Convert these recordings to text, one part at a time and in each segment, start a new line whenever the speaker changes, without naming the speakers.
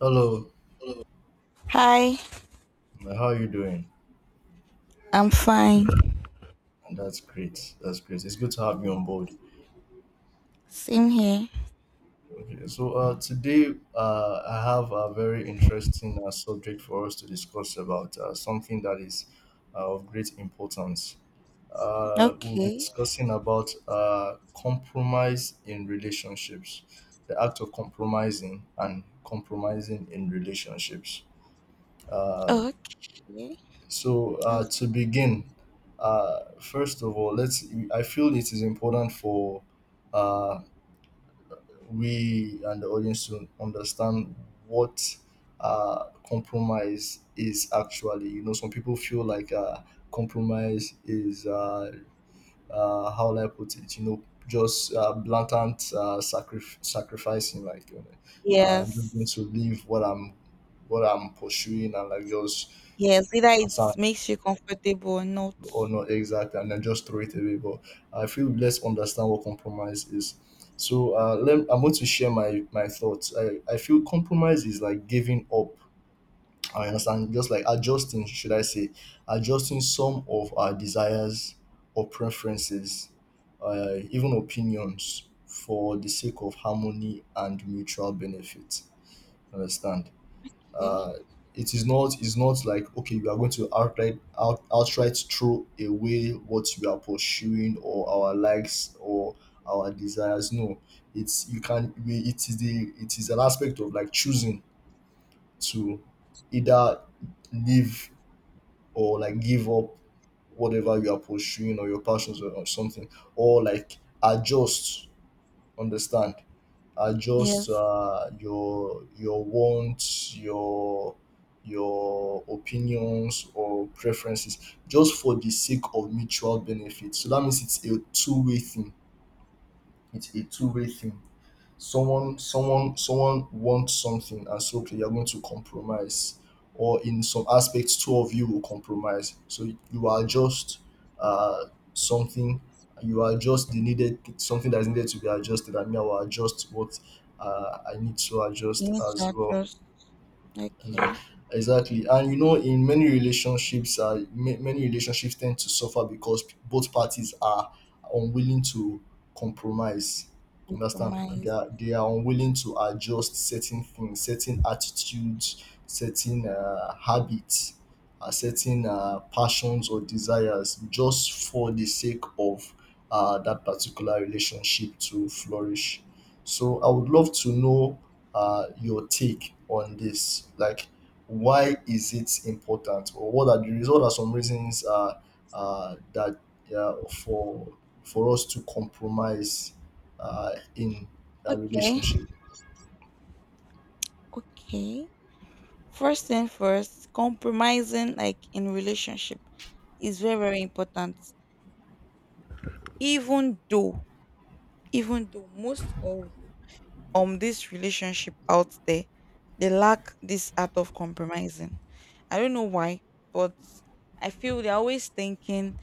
Hello,
Hi,
how are you doing?
I'm fine.
And that's great. That's great. It's good to have you on board.
Same here.
Okay, so today I have a very interesting subject for us to discuss about something that is of great importance. We'll be
Okay.
discussing about compromise in relationships, the act of compromising and compromising in relationships. Uh,
Okay. That's.
To begin, first of all, let's. I feel it is important for uh, we and the audience to understand what compromise is actually. You know, some people feel like compromise is how will I put it. You know, just blatant sacrificing, like you know, I'm just going
Yes.
to leave what I'm pursuing and like just
Yes, either it makes you comfortable or not.
or not exactly and then just throw it away. But I feel, let's understand what compromise is. I'm going to share my thoughts. I feel compromise is like giving up, I understand, just like adjusting, should I say, adjusting some of our desires or preferences, even opinions, for the sake of harmony and mutual benefit. Understand?
Okay.
uh, it is not, it's not like okay we are going to outright outright throw away what we are pursuing or our likes or our desires. No, it's, you can we, it is the, it is an aspect of like choosing to either live or like give up whatever you are pursuing or your passions or something, or like adjust. Understand? Adjust
Yes.
your wants, your opinions or preferences just for the sake of mutual benefit. So that means it's a two-way thing. It's a two-way thing. Someone wants something and so okay, you're going to compromise, or in some aspects two of you will compromise. So you adjust uh something, you adjust the needed, something that is needed to be adjusted, and me I will adjust what I need to
You
adjust
need
as
to
well.
adjust. Okay.
Exactly. Exactly. And you know, in many relationships, many relationships tend to suffer because both parties are unwilling to compromise. Understand? They
Compromise.
are, they are unwilling to adjust certain things, certain attitudes, certain habits, certain passions or desires, just for the sake of that particular relationship to flourish. So I would love to know your take on this. Like, why is it important, or what are the reasons? What are some reasons that uh, for for us to compromise in a
Okay.
relationship?
Okay. First thing first, compromising like in relationship is very, very important. Even though, even though most of this relationship out there, they lack this art of compromising. I don't know why, but I feel they're always thinking,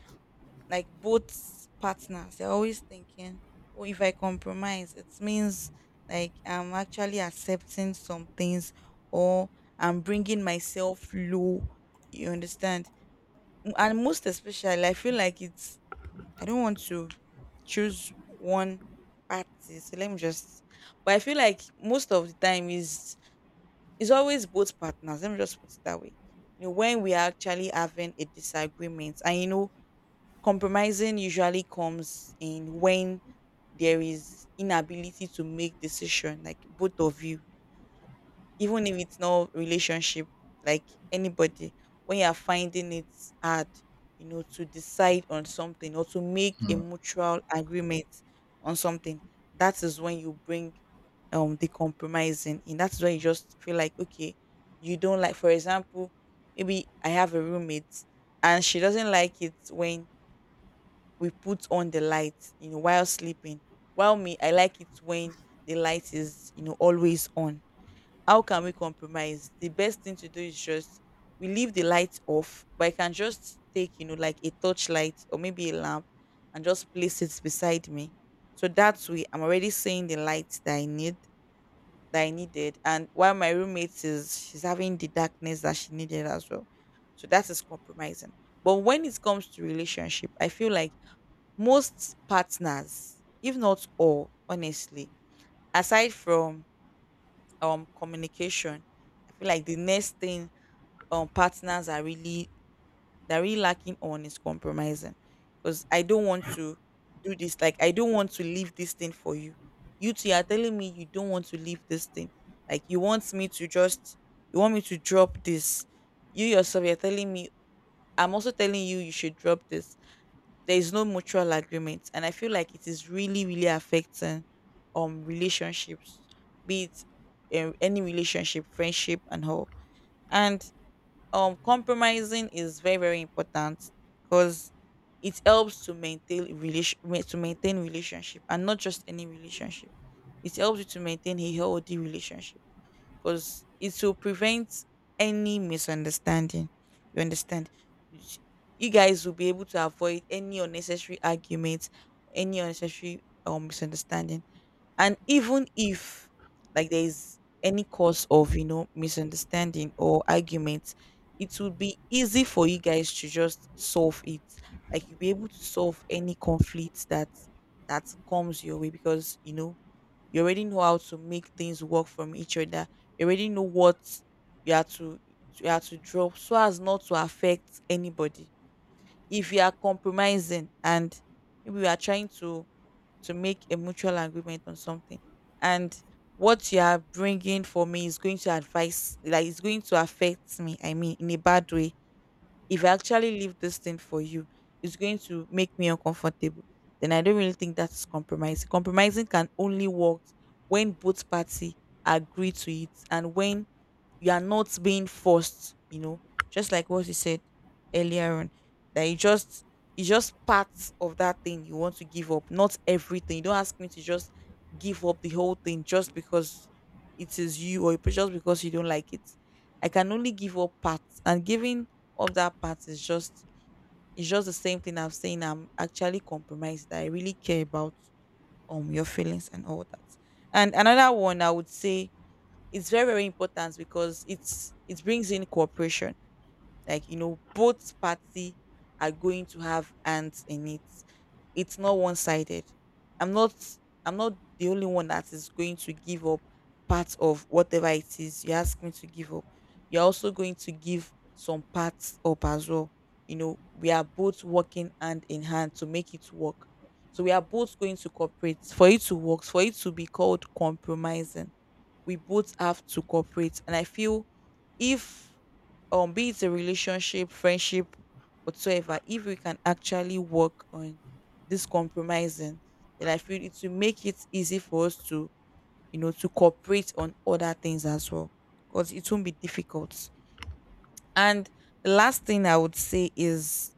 like both partners, they're always thinking, oh, if I compromise it means like I'm actually accepting some things, or I'm bringing myself low. You understand? And most especially I feel like it's. I don't want to choose one party. So let me just. But I feel like most of the time is it's always both partners. Let me just put it that way. You know, when we are actually having a disagreement, and you know, compromising usually comes in when there is inability to make decision, like both of you, even if it's not relationship, like anybody, when you're finding it hard, you know, to decide on something or to make a
Hmm.
mutual agreement on something, that is when you bring the compromising in. That's when you just feel like okay, you don't like. For example, maybe I have a roommate, and she doesn't like it when we put on the light, you know, while sleeping, while me, I like it when the light is, you know, always on. How can we compromise? The best thing to do is just we leave the lights off, but I can just take, you know, like a torchlight or maybe a lamp, and just place it beside me. So that way, I'm already seeing the lights that I need, that I needed. And while my roommate is, she's having the darkness that she needed as well. So that is compromising. But when it comes to relationship, I feel like most partners, if not all, honestly, aside from communication, I feel like the next thing partners are really they're really lacking on is compromising. Because I don't want to do this. Like, I don't want to leave this thing for you. You two are telling me you don't want to leave this thing. Like, you want me to just you want me to drop this. You yourself you're telling me I'm also telling you you should drop this. There is no mutual agreement, and I feel like it is really, really affecting relationships, be it any relationship, friendship, and all. And compromising is very, very important because it helps to maintain relationship, and not just any relationship, it helps you to maintain a healthy relationship because it will prevent any misunderstanding. You understand? Sh- You guys will be able to avoid any unnecessary arguments, any unnecessary misunderstanding. And even if like there is any cause of, you know, misunderstanding or arguments, it will be easy for you guys to just solve it. Like, you'll be able to solve any conflict that comes your way, because you know, you already know how to make things work from each other. You already know what you have to you have to drop so as not to affect anybody. If you are compromising and maybe you are trying to make a mutual agreement on something, and what you are bringing for me is going to advise, like it's going to affect me. I mean, in a bad way, if I actually leave this thing for you, it's going to make me uncomfortable. Then I don't really think that is compromising. Compromising can only work when both parties agree to it, and when you are not being forced, you know, just like what you said earlier on, that you just it's just part of that thing you want to give up, not everything. You don't ask me to just give up the whole thing just because it is you, or just because you don't like it. I can only give up parts, and giving up that part is just the same thing I'm saying. I'm actually compromised that I really care about your feelings and all that. And another one I would say, it's very, very important because it brings in cooperation, like you know, both party are going to have hands in it, it's not one-sided. I'm not i'm not the only one that is going to give up part of whatever it is you ask me to give up, you're also going to give some parts up as well. You know, we are both working hand in hand to make it work. So we are both going to cooperate for it to work, for it to be called compromising, we both have to cooperate. And I feel, if be it a relationship, friendship, whatsoever, if we can actually work on this compromising, then I feel it will make it easy for us to, you know, to cooperate on other things as well. Because it won't be difficult. And the last thing I would say is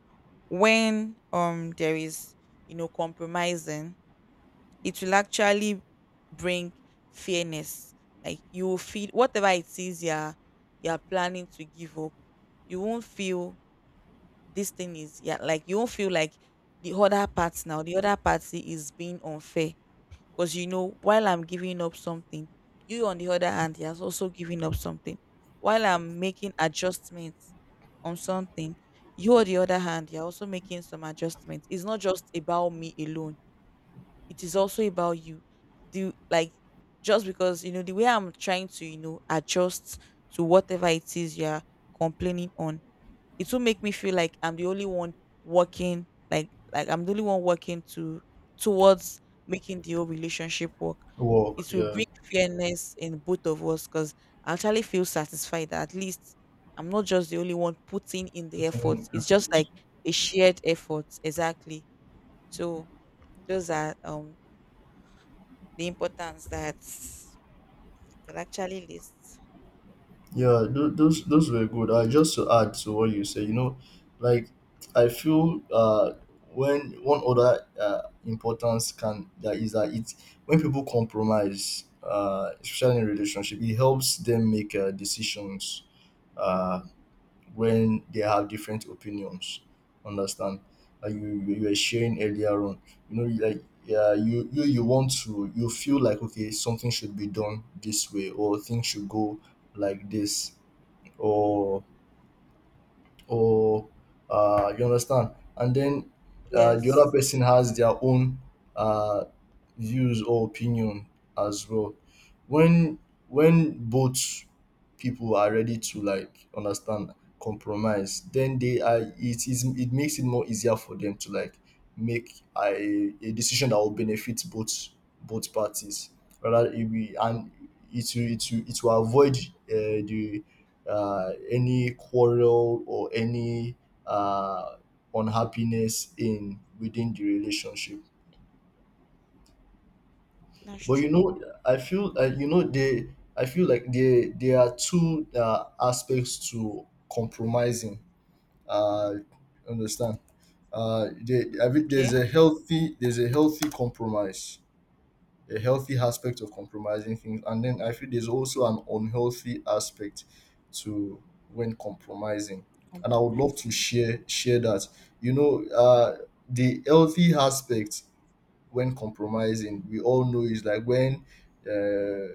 when there is, you know, compromising, it will actually bring fairness. Like, you will feel whatever it is you're planning to give up, you won't feel this thing is, yeah, like you won't feel like the other part now, the other party is being unfair. Because you know, while I'm giving up something, you on the other hand, he has also given up something. While I'm making adjustments on something, you on the other hand, you're also making some adjustments. It's not just about me alone, it is also about you, do like, just because you know the way I'm trying to, you know, adjust to whatever it is you're complaining on, it will make me feel like I'm the only one working, like I'm the only one working to towards making the whole relationship work.
Work?
It will
Yeah,
bring fairness in both of us, because I actually feel satisfied that at least I'm not just the only one putting in the
I
effort,
think. I
it's
feel.
just like a shared effort, exactly. So those are the importance that it could actually list.
Yeah, those were good. Just to add to what you say, you know, like I feel when one other importance can, that is that it, when people compromise, especially in relationship, it helps them make decisions uh when they have different opinions. Understand? Like you were sharing earlier on, you know, like yeah, you you want to, you feel like okay, something should be done this way or things should go like this or or you understand, and then the other
Yes,
person has their own uh, views or opinion as well. when when both people are ready to like understand compromise, then they are, it is, it makes it more easier for them to like make a decision that will benefit both both parties. Rather it will, and it will, it will avoid the any quarrel or any uh, unhappiness in, within the relationship.
that's
But you
true.
know, I feel you know they. I feel like they there are two aspects to compromising. Uh, Understand? I mean, there's
Okay,
a healthy, there's a healthy compromise, a healthy aspect of compromising things. And then I feel there's also an unhealthy aspect to when compromising. And I would love to
compromising.
share that. You know, the healthy aspect when compromising, we all know is like when uh,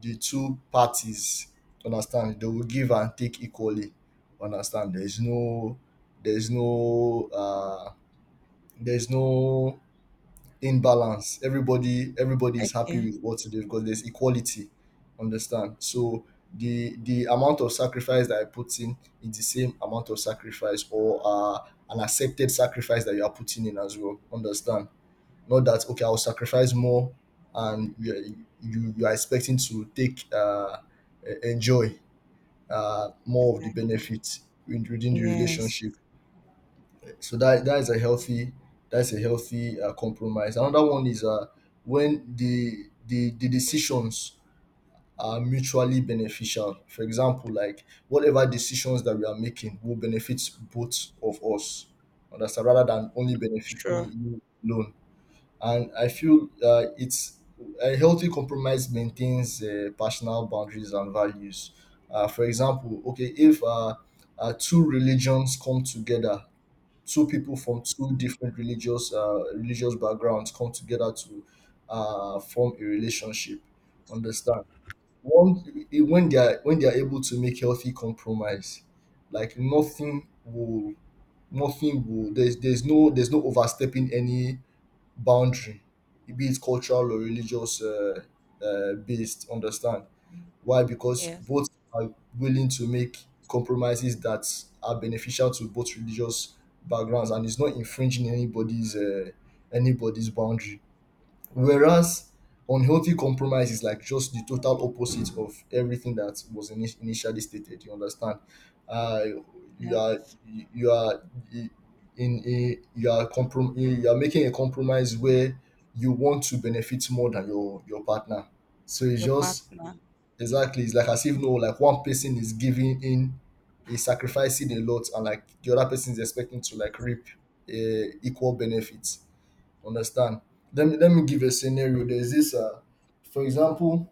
the two parties understand, they will give and take equally. Understand? There's no, uh, there's no in balance. Everybody is happy
Okay,
with what they do because there's equality. Understand? So the amount of sacrifice that I put in is the same amount of sacrifice or an accepted sacrifice that you are putting in as well. Understand? Not that okay, I'll sacrifice more, and you, you are expecting to take enjoy more of the
exactly.
benefits within the
Yes,
relationship. So that, that is a healthy, that's a healthy compromise. Another one is when the decisions are mutually beneficial. For example, like whatever decisions that we are making will benefit both of us. Understand? Rather than only benefiting
sure.
you alone. And I feel it's a healthy compromise maintains personal boundaries and values. For example, okay, if two religions come together, two people from two different religious religious backgrounds come together to form a relationship. Understand? One when they are, when they are able to make healthy compromise, like nothing will, there's no, there's no overstepping any boundary, be it cultural or religious based. Understand? Why? Because
Yes,
both are willing to make compromises that are beneficial to both religious backgrounds, and it's not infringing anybody's anybody's boundary. Whereas unhealthy compromise is like just the total opposite of everything that was initially stated. You understand? Uh, you
yeah.
are you are in a, you are you are making a compromise where you want to benefit more than your partner. So it's
Your
just,
partner.
exactly. It's like as if no, like one person is giving in, is sacrificing a lot, and like the other person is expecting to like reap equal benefits. Understand? Let me give a scenario. There's this, for example,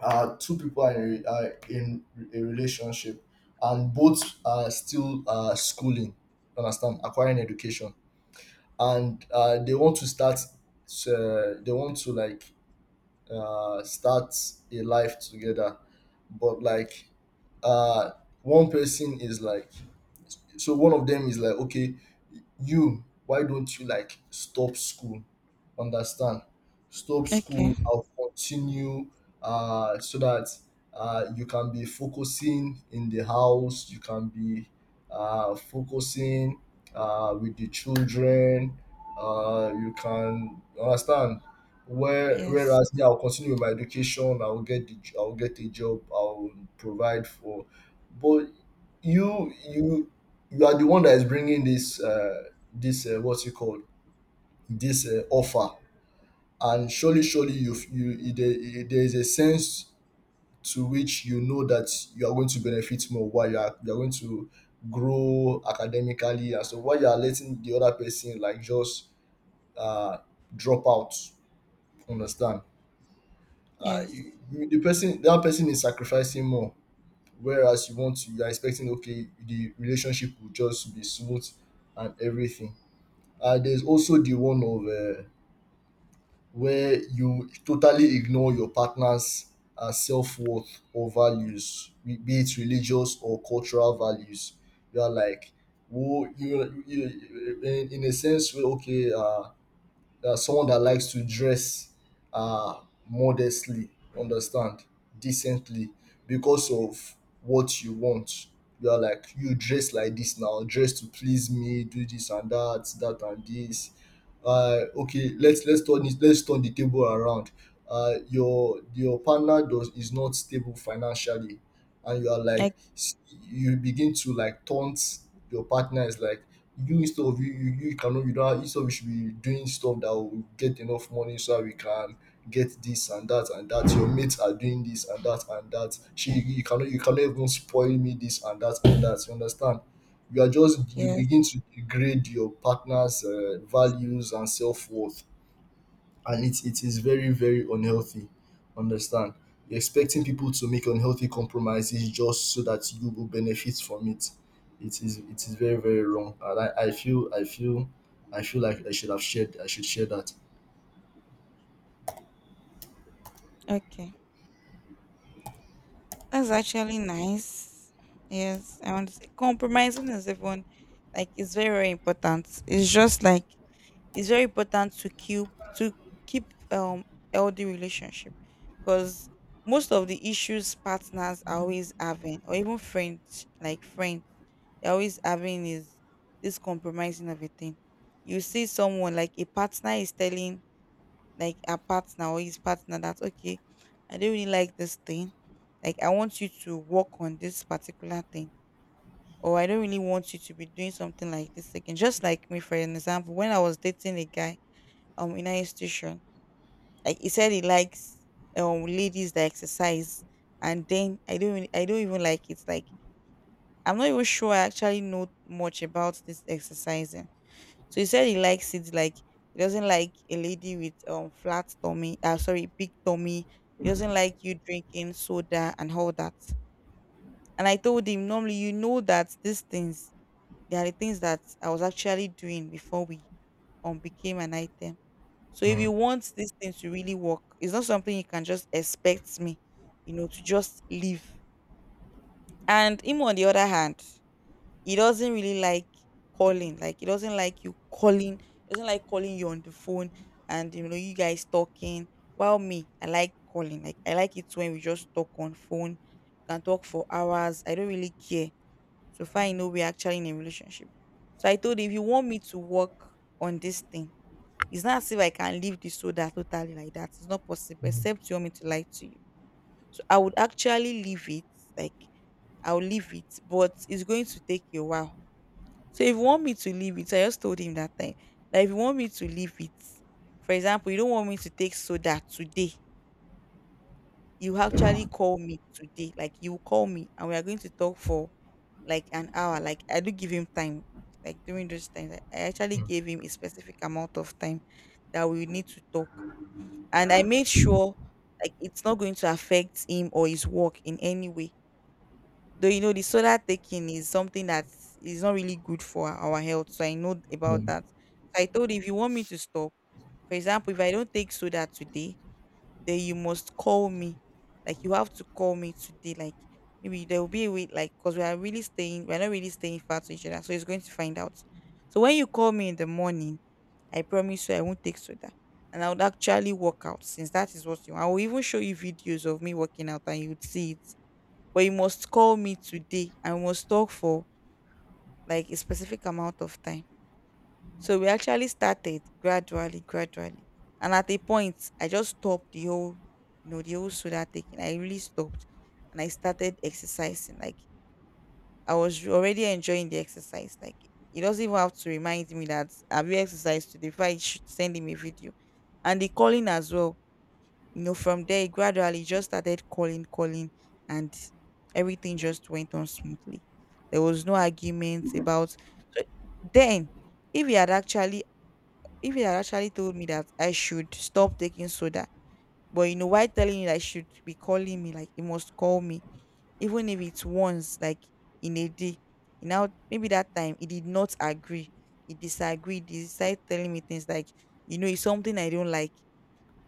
two people are are in a relationship, and both are still schooling. Understand? Acquiring education, and they want to start. They want to like start a life together, but like uh, one person is like, so one of them is like, okay, you why don't you like stop school. Understand? Stop school,
Okay.
I'll continue, so that you can be focusing in the house, you can be focusing with the children, you can understand.
Yes,
Whereas yeah, I'll continue with my education, I'll get I'll get a job, I'll provide for. But you you are the one that is bringing this this what's it called, this offer. And surely you you, there is a sense to which you know that you are going to benefit more while you are going to grow academically, and so while you are letting the other person like just uh, drop out. Understand?
yes.
The person, that person is sacrificing more, whereas you want to, you are expecting okay the relationship will just be smooth and everything. And there's also the one of where you totally ignore your partner's self-worth or values, be it religious or cultural values. You are like, who you, you in a sense, where, okay, someone that likes to dress uh, modestly, understand, decently, because of what you want. You are like, you dress like this now, dress to please me, do this and that, that and this. Okay, let's turn it, let's turn the table around. Your partner does is not stable financially, and you are like,
Ec-
you begin to like taunt your partner. Is like you instead of you, you cannot, you don't, instead of, you should be doing stuff that will get enough money so that we can get this and that and that, your mates are doing this and that and that, she, you cannot, you cannot even spoil me this and that and that, you understand, you are just, you
yes.
begin to degrade your partner's values and self-worth, and it is very very unhealthy. Understand? You're expecting people to make unhealthy compromises just so that you will benefit from it. It is, it is very very wrong. And I feel, i feel like I should share that.
Okay. That's actually nice. Yes, I want to say compromising is even, like, it's very, very important. It's just like, it's very important to keep healthy relationship, because most of the issues partners are always having, or even friends, like friends they're always having, is this compromising of a thing. You see someone, like a partner is telling, like a partner or his partner that okay, I don't really like this thing, like I want you to work on this particular thing, or I don't really want you to be doing something like this again. Just like me, for an example, when I was dating a guy in higher institution. Like, he said he likes ladies that exercise, and then I don't even like it. Like, I'm not even sure I actually know much about this exercising. So he said he likes it, like, he doesn't like a lady with flat tummy, sorry, big tummy. He doesn't like you drinking soda and all that. And I told him, normally you know that these things, they are the things that I was actually doing before we became an item. So if you
Mm,
want these things to really work, it's not something you can just expect me, you know, to just leave. And him on the other hand, he doesn't really like calling. Like, he doesn't like you calling. He doesn't like calling you on the phone and you know, you guys talking. While me, I like calling. Like, I like it when we just talk on phone, can talk for hours. I don't really care. So far I know we're actually in a relationship. So I told him, if you want me to work on this thing, it's not as if I can leave the soda totally like that. It's not possible,
mm,
except you want me to lie to you. So I would actually leave it. Like, I'll leave it, but it's going to take a while. So if you want me to leave it, I just told him that time that if you want me to leave it, for example, you don't want me to take soda today. You actually call me today. Like, you call me and we are going to talk for like an hour. Like, I do give him time. Like, during those times, I actually
mm,
gave him a specific amount of time that we need to talk. And I made sure like it's not going to affect him or his work in any way. Though you know the soda taking is something that is not really good for our health, so I know about
mm.
that. I told him if you want me to stop, for example, if I don't take soda today, then you must call me. Like you have to call me today. Like maybe there will be a way, like because we're not really staying far to each other, so he's going to find out. So when you call me in the morning, I promise you I won't take soda. And I would actually work out since that is what you want. I will even show you videos of me working out and you'd see it. But you must call me today, and we must talk for like a specific amount of time. So we actually started gradually, gradually. And at a point, I just stopped the whole, you know, the whole soda taking. I really stopped and I started exercising. Like I was already enjoying the exercise. Like he doesn't even have to remind me that have you exercised today before I should send him a video. And the calling as well. You know, from there he gradually just started calling, calling, and everything just went on smoothly. There was no arguments about, so then, if he had actually if he had actually told me that I should stop taking soda. But you know, why telling me that I should be calling me, like he must call me even if it's once, like in a day. You now maybe that time he did not agree, he disagreed, he started telling me things like, you know, it's something I don't like.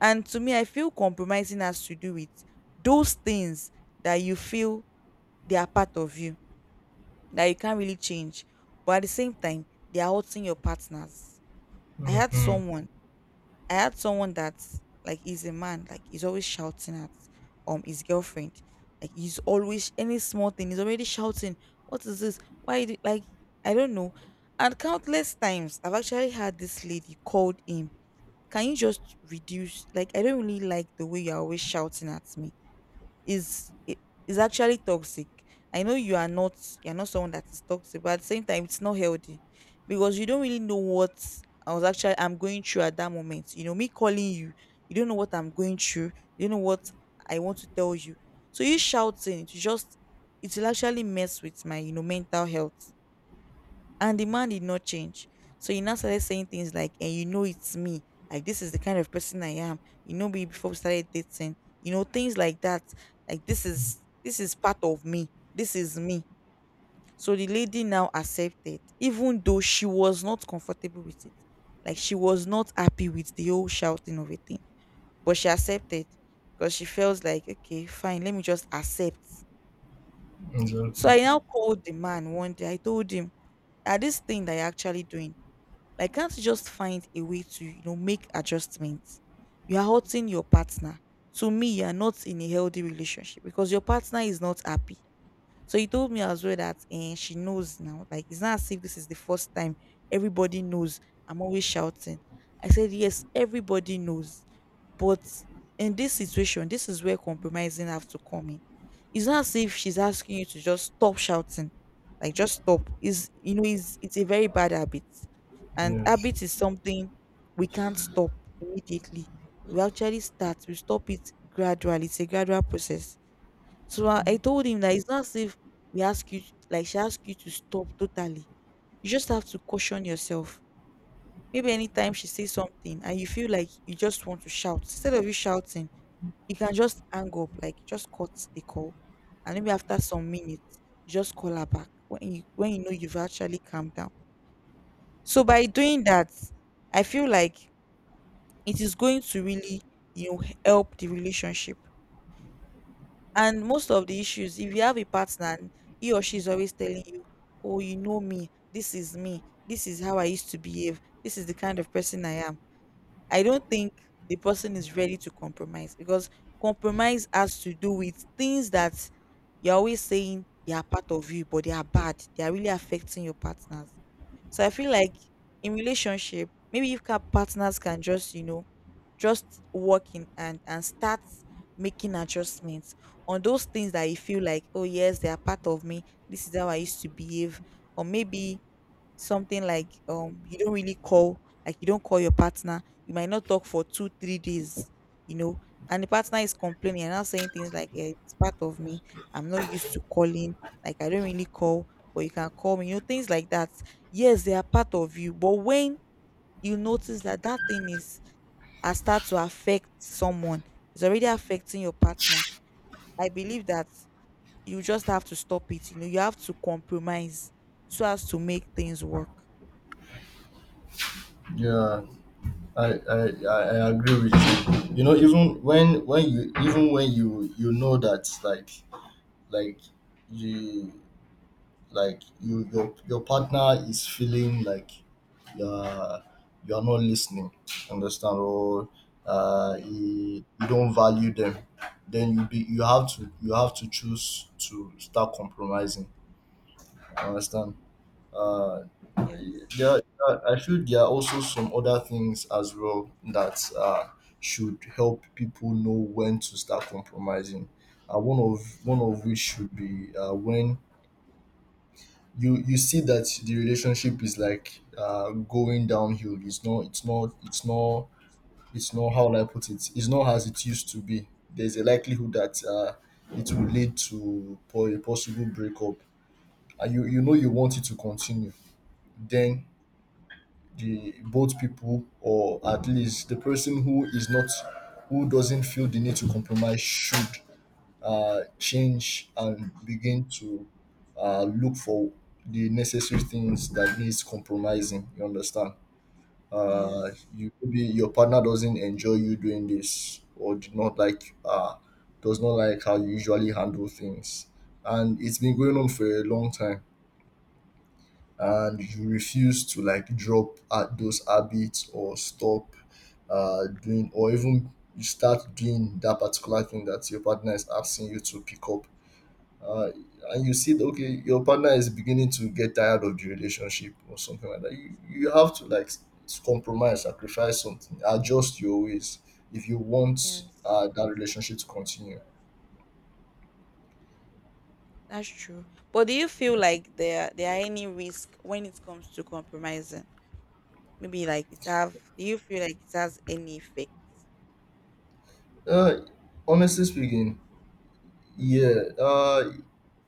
And to me I feel compromising has to do with those things that you feel they are part of you, that you can't really change, but at the same time they are hurting your partners. i had
Mm-hmm.
someone I had someone that's like he's a man, like he's always shouting at his girlfriend. Like he's always any small thing, he's already shouting, "What is this? Why you do-" like I don't know. And countless times I've actually had this lady called him. Can you just reduce, like I don't really like the way you're always shouting at me, is i- is actually toxic. I know you are not, you're not someone that is toxic, but at the same time it's not healthy because you don't really know what I was actually I'm going through at that moment. You know, me calling you, you don't know what I'm going through, you don't know what I want to tell you. So you shouting, it will actually mess with my, you know, mental health. And the man did not change. So he now started saying things like, and you know it's me. Like this is the kind of person I am. You know me before we started dating. You know, things like that. Like this is, this is part of me. This is me. So the lady now accepted, even though she was not comfortable with it. Like she was not happy with the whole shouting of a thing. But she accepted because she feels like, okay, fine, let me just accept. So I
Exactly.
now called the man one day. I told him that this thing that you're actually doing, like, can't you just find a way to, you know, make adjustments? You are hurting your partner. To me, you are not in a healthy relationship because your partner is not happy. So he told me as well that eh, she knows now. Like it's not as if this is the first time. Everybody knows. I'm always shouting. I said, yes, everybody knows. But in this situation, this is where compromising have to come in. It's not as if she's asking you to just stop shouting. Like just stop. Is, you know, is, it's a very bad habit. And
Yes.
habit is something we can't stop immediately. We actually start, we stop it gradually. It's a gradual process. So I told him that it's not as if we ask you, like she asked you to stop totally. You just have to caution yourself. Maybe anytime she says something and you feel like you just want to shout, instead of you shouting, you can just hang up, like just cut the call. And maybe after some minutes, you just call her back when you, when you know you've actually calmed down. So by doing that, I feel like it is going to really, you know, help the relationship. And most of the issues, if you have a partner, and he or she is always telling you, "Oh, you know me. This is me. This is how I used to behave. This is the kind of person I am." I don't think the person is ready to compromise because compromise has to do with things that you're always saying they are part of you, but they are bad. They are really affecting your partners. So I feel like in relationship, maybe if partners can just, you know, just working and start making adjustments on those things that you feel like, oh yes, they are part of me, this is how I used to behave. Or maybe something like, you don't really call, like you don't call your partner, you might not talk for 2-3 days, you know, and the partner is complaining and now saying things like, "Eh, it's part of me, I'm not used to calling, like I don't really call, but you can call me, you know, things like that." Yes, they are part of you, but when you notice that that thing is and start to affect someone, it's already affecting your partner. I believe that you just have to stop it, you know, you have to compromise so as to make things work.
Yeah, I I agree with you. You know, even when you know that like you you your partner is feeling like you're you're not listening, understand, or
Yes.
you don't value them. Then you have to choose to start compromising, understand. uh
Yes.
there, I feel there are also some other things as well that should help people know when to start compromising. One of which should be, when you see that the relationship is, like, going downhill. It's not, how will I put it. It's not as it used to be. There's a likelihood that, it will lead to a possible breakup, and you know you want it to continue. Then the both people, or at least the person who is not, who doesn't feel the need to compromise, should, change and begin to, look for the necessary things that needs compromising. You understand?
Yes.
You Maybe your partner doesn't enjoy you doing this, or did not like, does not like how you usually handle things, and it's been going on for a long time. And you refuse to, like, drop at those habits or stop, doing, or even you start doing that particular thing that your partner is asking you to pick up. uh, and you see that, okay, your partner is beginning to get tired of the relationship or something like that, you have to, like, compromise, sacrifice something, adjust your ways if you want,
Yes,
that relationship to continue.
that's true. But do you feel like there are any risk when it comes to compromising, maybe like it have, do you feel like it has any effect?
uh, Honestly speaking, yeah. uh,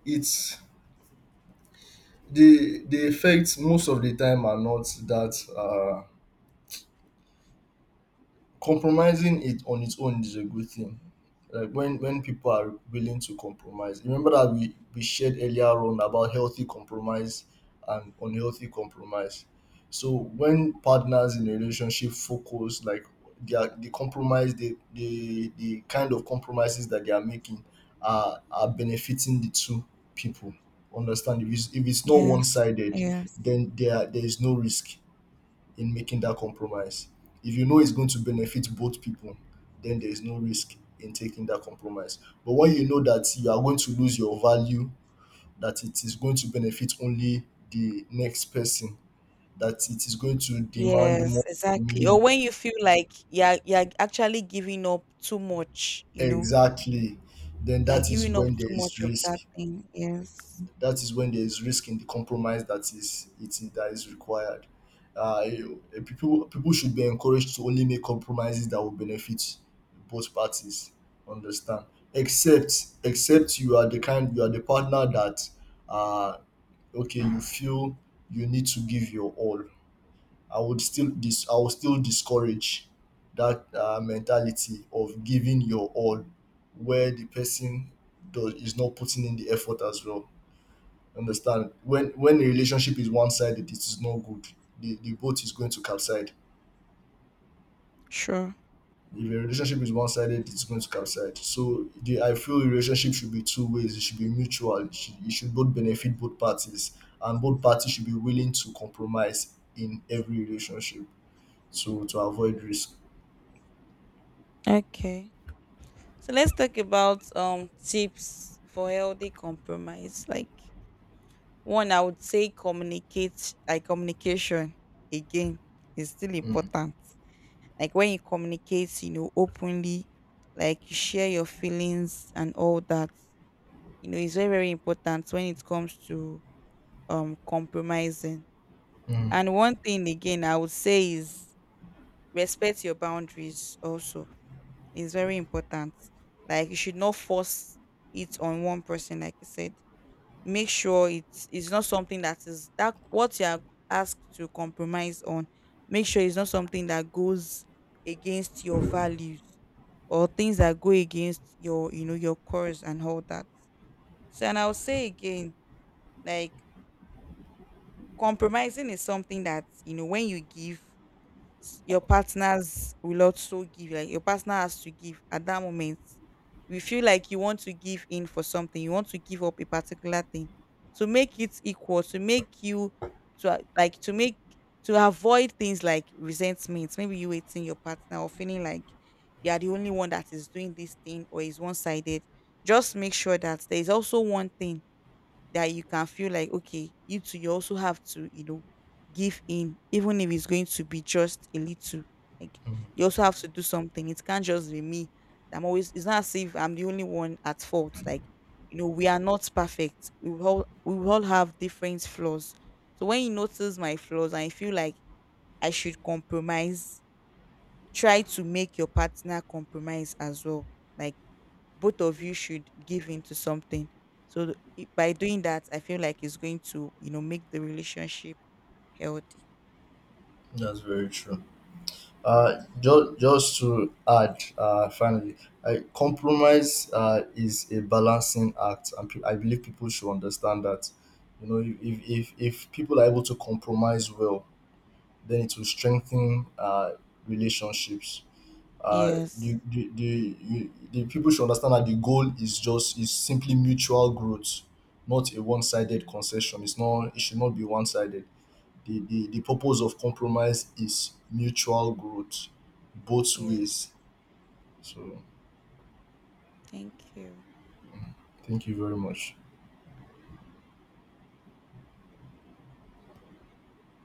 it's The effects most of the time are not that, compromising it on its own is a good thing. Like when people are willing to compromise. Remember that we shared earlier on about healthy compromise and unhealthy compromise. So when partners in a relationship focus, like, their the compromise the kind of compromises that they are making are benefiting the two people. Understand. If it's not one
Yes.
sided,
Yes.
then there is no risk in making that compromise. If you know it's going to benefit both people, then there is no risk in taking that compromise. But when you know that you are going to lose your value, that it is going to benefit only the next person, that it is going to demand
Yes,
more from
exactly. Or
you,
when you feel like you're actually giving up too much, you know,
exactly, then
they're
that is
giving up
when there
too much
is
of
risk.
that thing. Yes.
That is when there is risk in the compromise that is required. People should be encouraged to only make compromises that will benefit both parties. Understand? Except except you are the partner that, uh okay, you feel you need to give your all. I would still discourage that, mentality of giving your all where the person does is not putting in the effort as well. Understand? When a relationship is one sided, it is not good. The boat is going to capsize.
Sure.
If a relationship is one sided, it's going to capsize. So the I feel relationship should be two ways. It should be mutual. It should both benefit both parties, and both parties should be willing to compromise in every relationship to avoid risk.
Okay. So let's talk about tips for healthy compromise. Like one, I would say communicate. Like communication again is still
Mm,
important. Like when you communicate, you know, openly, like you share your feelings and all that. You know, it's very very important when it comes to compromising.
mm,
And one thing again, I would say is respect your boundaries also. It's very important. Like you should not force it on one person, like I said. Make sure it's not something that is, that what you are asked to compromise on. Make sure it's not something that goes against your values or things that go against your, you know, your course and all that. So, and I'll say again, like compromising is something that, you know, when you give, your partners will also give, like your partner has to give. At that moment you feel like you want to give in for something, you want to give up a particular thing to make it equal, to make you, to like to make, to avoid things like resentment, maybe you hating your partner or feeling like you are the only one that is doing this thing or is one-sided. Just make sure that there is also one thing that you can feel like, okay, you too, you also have to, you know, give in, even if it's going to be just a little. Like
mm.
you also have to do something, it can't just be me. I'm always, it's not as if I'm the only one at fault. Like, you know, we are not perfect, we will all have different flaws. So when you notice my flaws and you feel like I should compromise, try to make your partner compromise as well. Like both of you should give into something. So by doing that, I feel like it's going to, you know, make the relationship healthy.
That's very true. Just, to add, finally, compromise, is a balancing act, and I believe people should understand that. You know, if people are able to compromise well, then it will strengthen, relationships.
Yes.
The, you, the People should understand that the goal is just is simply mutual growth, not a one-sided concession. It should not be one-sided. The, purpose of compromise is mutual growth both
Yes.
ways. So
Thank you.
thank you very much.